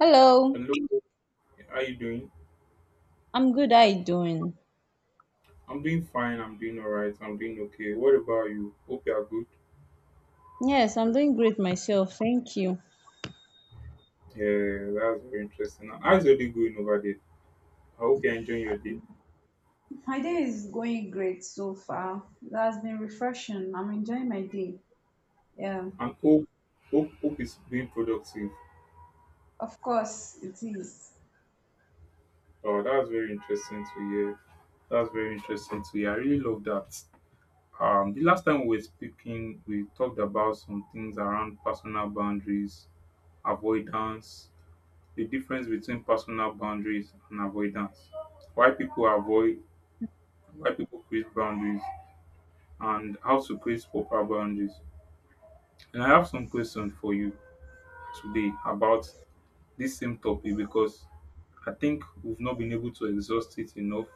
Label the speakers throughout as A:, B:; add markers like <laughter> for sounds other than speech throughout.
A: Hello,
B: Hello, how you doing?
A: I'm good. How you doing?
B: I'm doing fine. I'm doing all right. I'm doing okay. What about you? Hope you are good.
A: Yes, I'm doing great myself. Thank you.
B: Yeah, that's very interesting. How's your day going over there? I hope you're enjoying your day.
A: My day is going great so far. That's been refreshing. I'm enjoying my day. Yeah,
B: And hope it's being productive.
A: of course it is.
B: Oh, that's very interesting to hear. That's very interesting to hear. I really love that. The last time we were speaking, we talked about some things around personal boundaries, avoidance, the difference between personal boundaries and avoidance, why people avoid, why people create boundaries, and how to create proper boundaries. And I have some questions for you today about this same topic because I think we've not been able to exhaust it enough.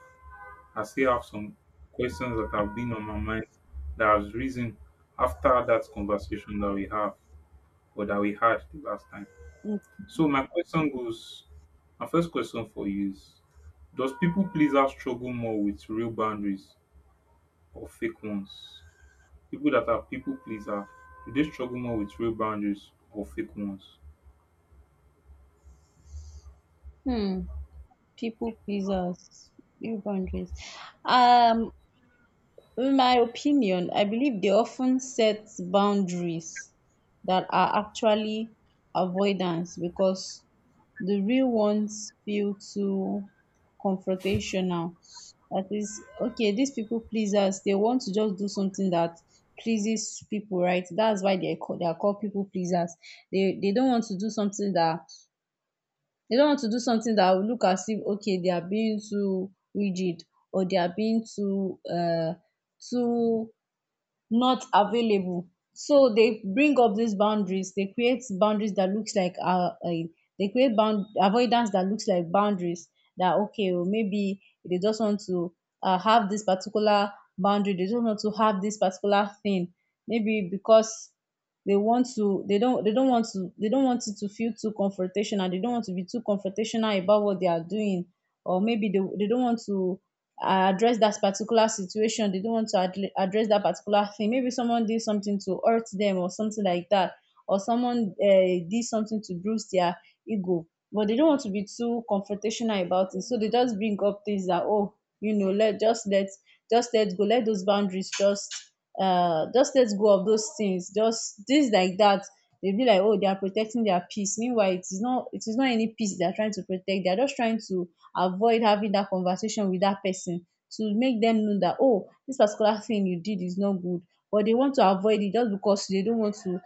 B: I still have some questions that have been on my mind, that has risen after that conversation that we have, or that we had the last time. So my question goes, my first question for you is, does people pleaser struggle more with real boundaries or fake ones? People that are people pleaser, do they struggle more with real boundaries or fake ones?
A: Hmm. People pleasers, new boundaries. Um, In my opinion, I believe they often set boundaries that are actually avoidance because the real ones feel too confrontational. That is, okay, these people pleasers, they want to just do something that pleases people, right? That's why they are called people pleasers. They don't want to do something that they don't want to do something that will look as if okay they are being too rigid or they are being too too not available, so they bring up these boundaries. They create boundaries that looks like they create bound avoidance that looks like boundaries. That okay, well, maybe they just want to have this particular boundary, they just want to have this particular thing, maybe because they want to, they don't want to they don't want it to feel too confrontational, they don't want to be too confrontational about what they are doing. Or maybe they don't want to address that particular situation, they don't want to address that particular thing. Maybe someone did something to hurt them or something like that, or someone did something to bruise their ego, but they don't want to be too confrontational about it. So they just bring up things that, oh, you know, let just let, just let go, let those boundaries just let go of those things, just things like that. They be like, oh, they are protecting their peace, meanwhile it is not, it is not any peace they are trying to protect. They are just trying to avoid having that conversation with that person, to make them know that, oh, this particular thing you did is not good. But they want to avoid it just because they don't want to,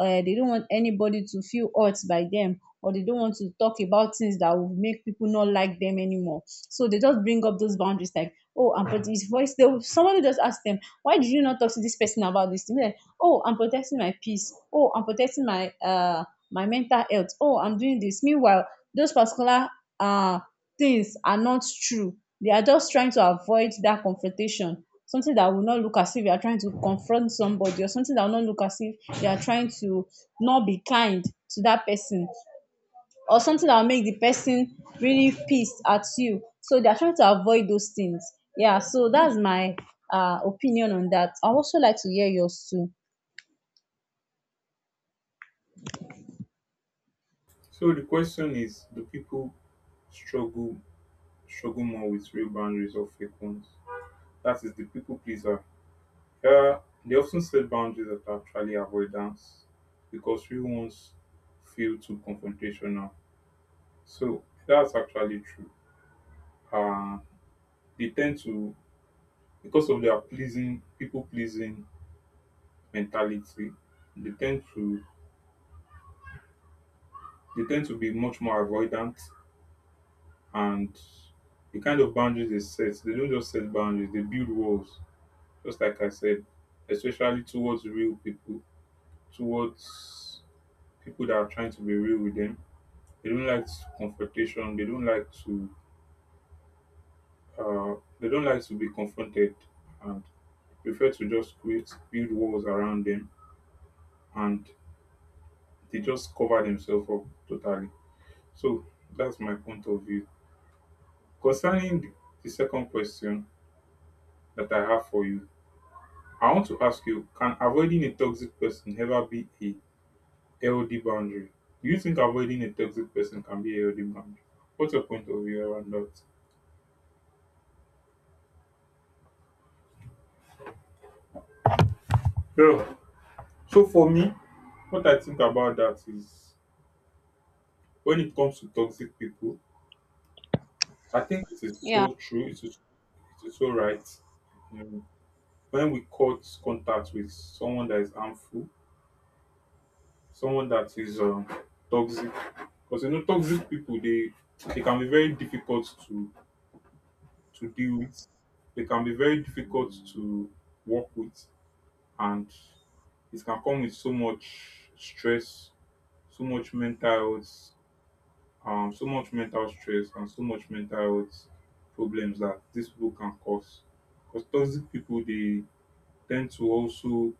A: they don't want anybody to feel hurt by them, or they don't want to talk about things that will make people not like them anymore. So they just bring up those boundaries like, oh, I'm protecting his voice. They will, somebody just ask them, why did you not talk to this person about this thing? They're like, oh, I'm protecting my peace, oh, I'm protecting my my mental health, oh, I'm doing this. Meanwhile those particular uh things are not true. They are just trying to avoid that confrontation, something that will not look as if you are trying to confront somebody, or something that will not look as if you are trying to not be kind to that person, or something that will make the person really pissed at you. So they are trying to avoid those things. Yeah, so that's my opinion on that. I also like to hear yours too.
B: So the question is, do people struggle struggle more with real boundaries or fake ones? That is the people pleaser. Uh, they often set boundaries that are actually avoidance because real ones feel too confrontational. So that's actually true. Uh, they tend to, because of their pleasing, people pleasing mentality, they tend to they tend to be much more avoidant, and the kind of boundaries they set, they don't just set boundaries, they build walls, just like I said, especially towards real people, towards people that are trying to be real with them. They don't like confrontation, they don't like to they don't like to be confronted, and prefer to just create, build walls around them, and they just cover themselves up totally. So that's my point of view. Concerning the second question that I have for you, I want to ask you, can avoiding a toxic person ever be a healthy boundary? Do you think avoiding a toxic person can be a healthy boundary? What's your point of view around that? Yeah. So for me, what I think about that is, when it comes to toxic people, I think it is
A: Yeah.
B: so true, it is so right. You, when we cut contact with someone that is harmful, someone that is toxic, because you know toxic people, they can be very difficult to deal with. They can be very difficult to work with, and it can come with so much stress, so much mental health, so much mental stress, and so much mental health problems that these people can cause. Because toxic people, they tend to also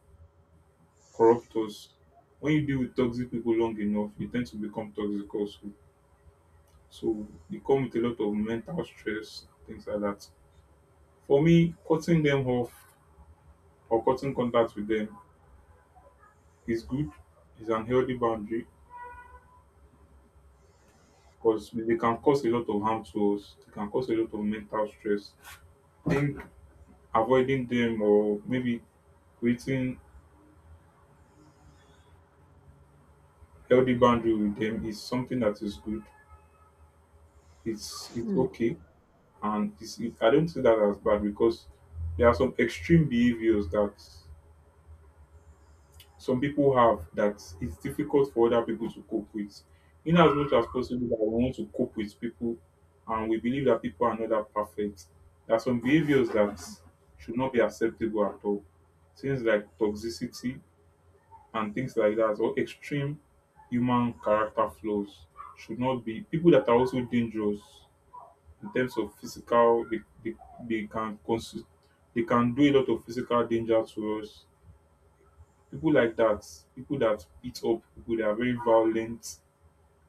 B: corrupt us. When you deal with toxic people long enough, you tend to become toxic also. So you come with a lot of mental stress, things like that. For me, cutting them off or cutting contact with them is good, is an healthy boundary, because they can cause a lot of harm to us. They can cause a lot of mental stress. I think avoiding them, or maybe creating healthy boundary with them, is something that is good. It's
A: Hmm.
B: okay, and it's, it, I don't see that as bad, because there are some extreme behaviors that some people have that it's difficult for other people to cope with. In as much as possible that we want to cope with people, and we believe that people are not that perfect, there are some behaviors that should not be acceptable at all. Things like toxicity and things like that, or extreme human character flaws, should not be, people that are also dangerous in terms of physical, they can they can do a lot of physical danger to us, people like that, people that beat up, people that are very violent,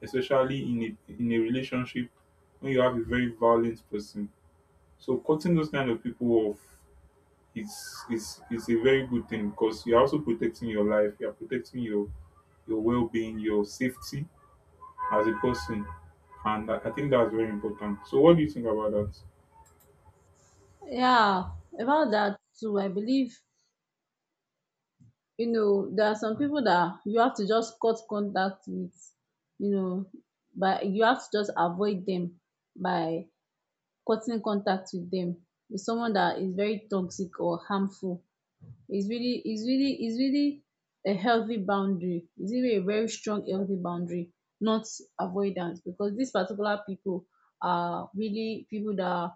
B: especially in a relationship, when you have a very violent person. So cutting those kind of people off is a very good thing, because you're also protecting your life, you're protecting your well-being, your safety as a person, and I think that's very important. So what do you think about that?
A: Yeah, about that too, I believe, you know, there are some people that you have to just cut contact with, you know, but you have to just avoid them by cutting contact with them. With someone that is very toxic or harmful, it's really a healthy boundary. It's really a very strong healthy boundary, not avoidance, because these particular people are really people that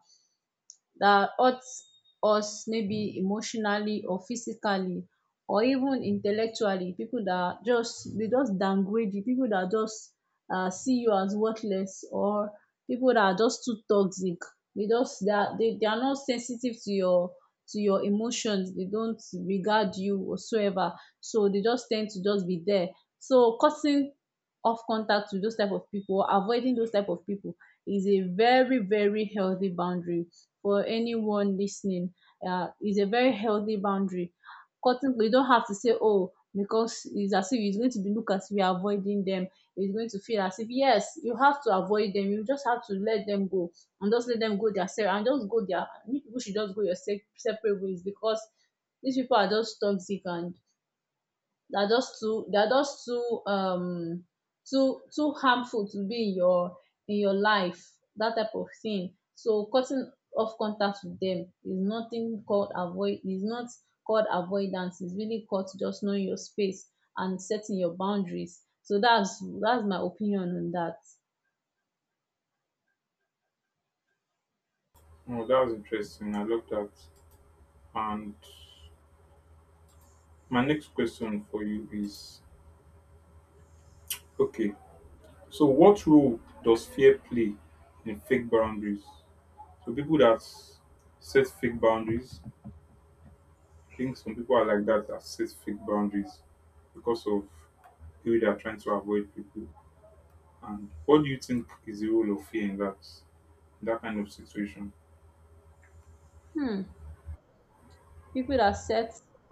A: that hurts us maybe emotionally or physically, or even intellectually. People that just, they just downgrade you. People that just see you as worthless, or people that are just too toxic. They just they are, they are not sensitive to your emotions. They don't regard you whatsoever, so they just tend to just be there. So cutting off contact with those type of people, avoiding those type of people, is a very very healthy boundary. For anyone listening, is a very healthy boundary. Cutting, you don't have to say, oh, because it's as if it's going to be look as if you're avoiding them. It's going to feel as if yes, you have to avoid them. You just have to let them go and just let them go and just go their. You people should just go your separate ways, because these people are just toxic, and they are just too, they are just too too too harmful to be in your life, that type of thing. So cutting off contact with them is nothing called avoid, is not called avoidance. It's really called just knowing your space and setting your boundaries. So that's my opinion on that.
B: Oh, that was interesting. I love that. And my next question for you is, okay. So, what role does fear play in fake boundaries? So, people that set fake boundaries, I think some people are like that, that set fake boundaries because of who they are trying to avoid people. And what do you think is the role of fear in that, in that kind of situation?
A: Hmm. People that set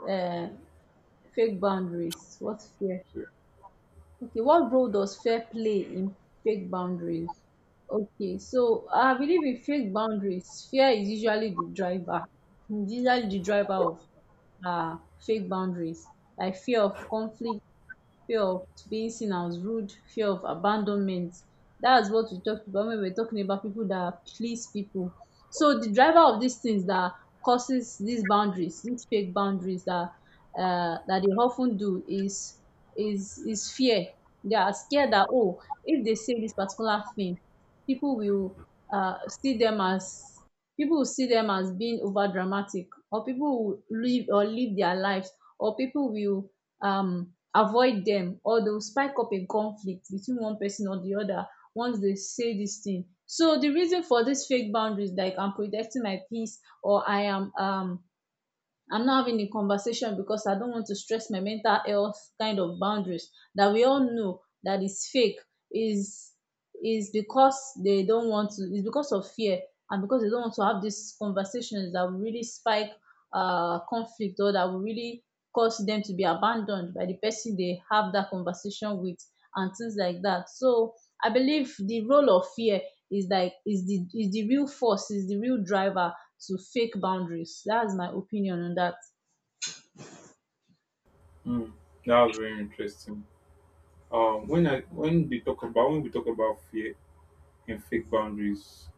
A: um fake boundaries, what fear.
B: So, yeah.
A: Okay, what role does fair play in fake boundaries? Okay, so I believe in fake boundaries, fear is usually the driver, is usually the driver of uh, fake boundaries, like fear of conflict, fear of being seen as rude, fear of abandonment. That's what we talked about when we were talking about people that please people. So the driver of these things that causes these boundaries, these fake boundaries that that they often do is is fear. They are scared that, oh, if they say this particular thing, people will see them as, people will see them as being over dramatic, or people will live or live their lives, or people will avoid them, or they will spike up a conflict between one person or the other once they say this thing. So the reason for this fake boundaries, like I'm protecting my peace, or I am I'm not having a conversation because I don't want to stress my mental health, kind of boundaries that we all know that is fake, is because they don't want to, it's because of fear, and because they don't want to have these conversations that will really spike conflict, or that will really cause them to be abandoned by the person they have that conversation with, and things like that. So I believe the role of fear is like is the, is the real force, is the real driver to fake boundaries. That's my opinion on that.
B: Hmm. That was very interesting. When I, when they talk about, when we talk about fear and fake boundaries,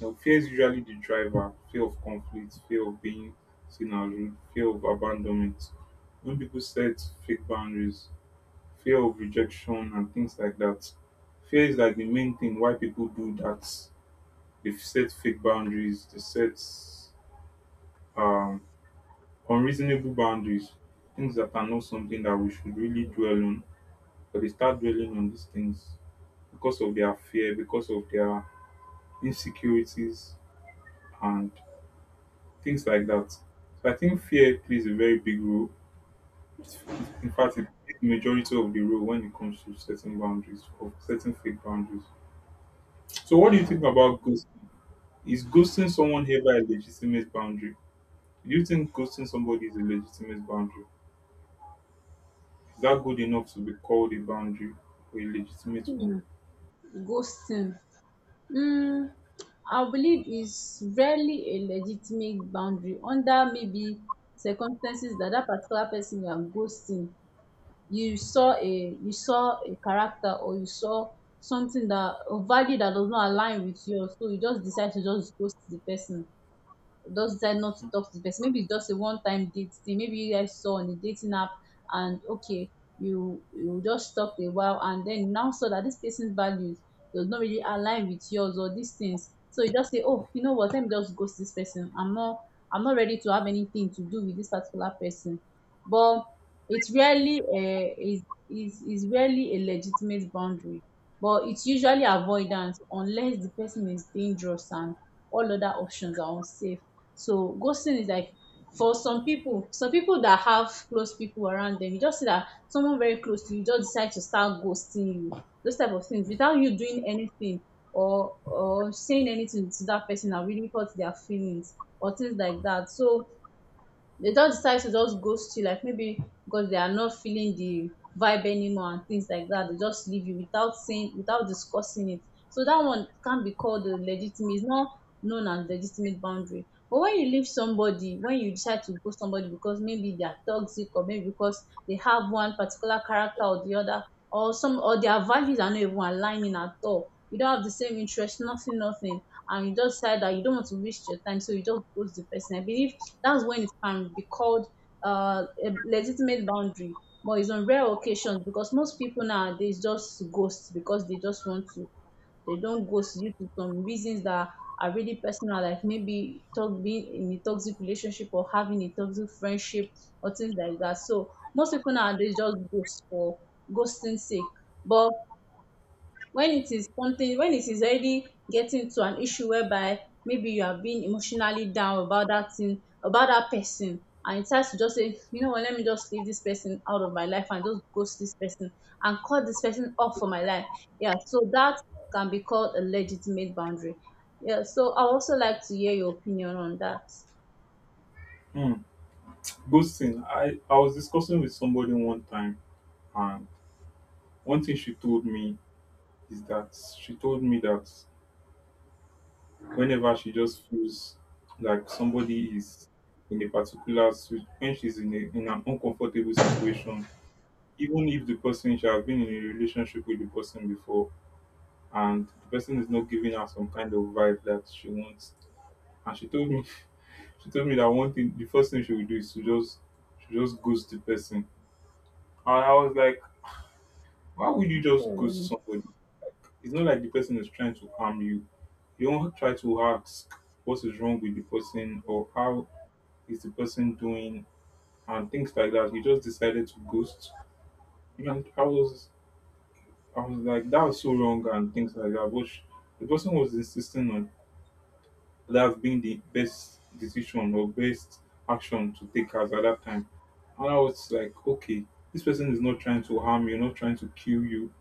B: you know, fear is usually the driver, fear of conflict, fear of being seen as rude, fear of abandonment. When people set fake boundaries, fear of rejection and things like that. Fear is like the main thing why people do that. They set fake boundaries, they set um, unreasonable boundaries, things that are not something that we should really dwell on. But they start dwelling on these things because of their fear, because of their insecurities, and things like that. So I think fear plays a very big role. It- In fact, it plays the majority of the role when it comes to setting boundaries or setting fake boundaries. So, what do you think about ghosting? Is ghosting someone ever a legitimate boundary? Do you think ghosting somebody is a legitimate boundary? Is that good enough to be called a boundary, or a legitimate one?
A: Hmm, ghosting, um I believe is rarely a legitimate boundary, under maybe circumstances that that particular person you are ghosting, you saw a character, or you saw something, that a value that does not align with yours, so you just decide to just ghost the person, just decide not to talk to the person. Maybe it's just a one time date thing. Maybe you guys saw on a dating app, and okay, you just talked a while, and then you now saw that this person's values does not really align with yours, or these things. So you just say, oh, you know what, let me just ghost this person. I'm not ready to have anything to do with this particular person. But it's rarely is rarely a legitimate boundary. But it's usually avoidance, unless the person is dangerous and all other options are unsafe. So ghosting is like, for some people that have close people around them, you just see that someone very close to you just decide to start ghosting you, those type of things without you doing anything, or saying anything to that person that really hurt their feelings, or things like that. So they just decide to just ghost you, like maybe because they are not feeling the vibe anymore, and things like that. They just leave you without saying, without discussing it. So that one can't be called a legitimate. It's not known as legitimate boundary. But when you leave somebody, when you decide to ghost somebody because maybe they are toxic, or maybe because they have one particular character or the other, or some, or their values are not even aligning at all, you don't have the same interest, nothing, nothing, and you just decide that you don't want to waste your time, so you just ghost the person. I believe that's when it can be called a legitimate boundary, but it's on rare occasions, because most people nowadays just ghost because they just want to. They don't ghost due to some reasons that are really personal, like maybe talk, being in a toxic relationship or having a toxic friendship, or things like that. So most people nowadays just ghost for ghosting sake. But when it is something, when it is already getting to an issue, whereby maybe you are being emotionally down about that thing, about that person, and it starts to just say, you know what, let me just leave this person out of my life and just ghost this person and cut this person off from my life. Yeah, so that can be called a legitimate boundary. Yeah, so I also like to hear your opinion on that.
B: Hmm. Ghosting. I was discussing with somebody one time, and one thing she told me is that, she told me that whenever she just feels like somebody is in a particular when she's in, a, in an uncomfortable situation, even if the person, she has been in a relationship with the person before, and the person is not giving her some kind of vibe that she wants. And she told me <laughs> she told me that one thing, the first thing she would do is to just, she just ghost the person. And I was like, why would you just ghost
A: um,
B: somebody? It's not like the person is trying to harm you. You don't try to ask what is wrong with the person, or how is the person doing and things like that. He just decided to ghost. And I was like, that was so wrong and things like that. But the person was insisting on that being the best decision or best action to take as at that time. And I was like, okay, this person is not trying to harm you, not trying to kill you.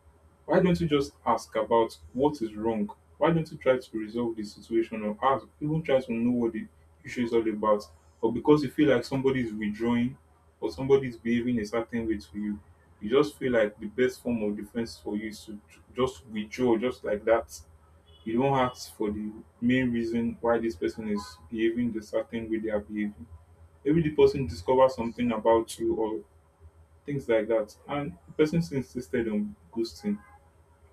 B: Why don't you just ask about what is wrong? Why don't you try to resolve the situation, or ask, even try to know what the issue is all about? Or because you feel like somebody is withdrawing, or somebody is behaving a certain way to you, you just feel like the best form of defense for you is to just withdraw, just like that. You don't ask for the main reason why this person is behaving the certain way they are behaving. Maybe the person discovers something about you or things like that, and the person still insisted on ghosting,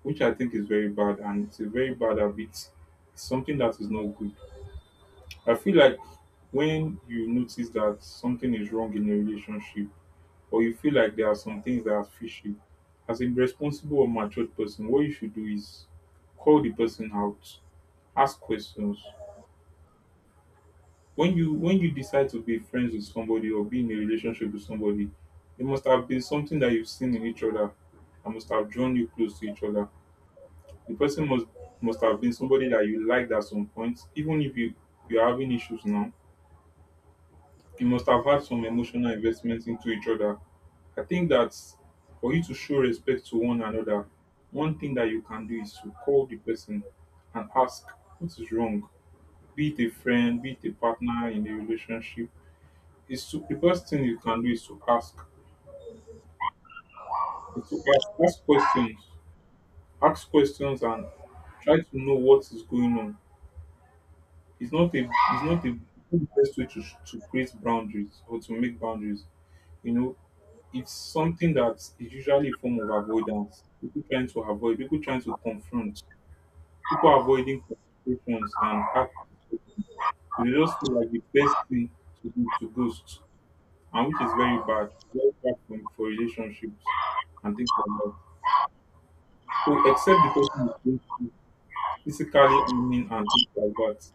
B: which I think is very bad, and it's a very bad habit. It's something that is not good. I feel like when you notice that something is wrong in a relationship, or you feel like there are some things that are fishy, as a responsible or matured person, what you should do is call the person out, ask questions. When you, when you decide to be friends with somebody or be in a relationship with somebody, it must have been something that you've seen in each other, and must have drawn you close to each other. The person must have been somebody that you liked at some point, even if you, you're having issues now. You must have had some emotional investment into each other. I think that, for you to show respect to one another, one thing that you can do is to call the person and ask what is wrong. Be it a friend, be it a partner in a relationship. It's to, the best thing you can do is to ask. Is to ask, ask questions. Ask questions and try to know what is going on. It's not a, it's not a, the best way to create boundaries or to make boundaries. You know, it's something that is usually a form of avoidance. People trying to avoid, people trying to confront, people avoiding confrontations and act. So they just feel like the best thing to do is to ghost, and which is very bad for relationships and things like that. So, except the person is going through physically, I mean, and things like that.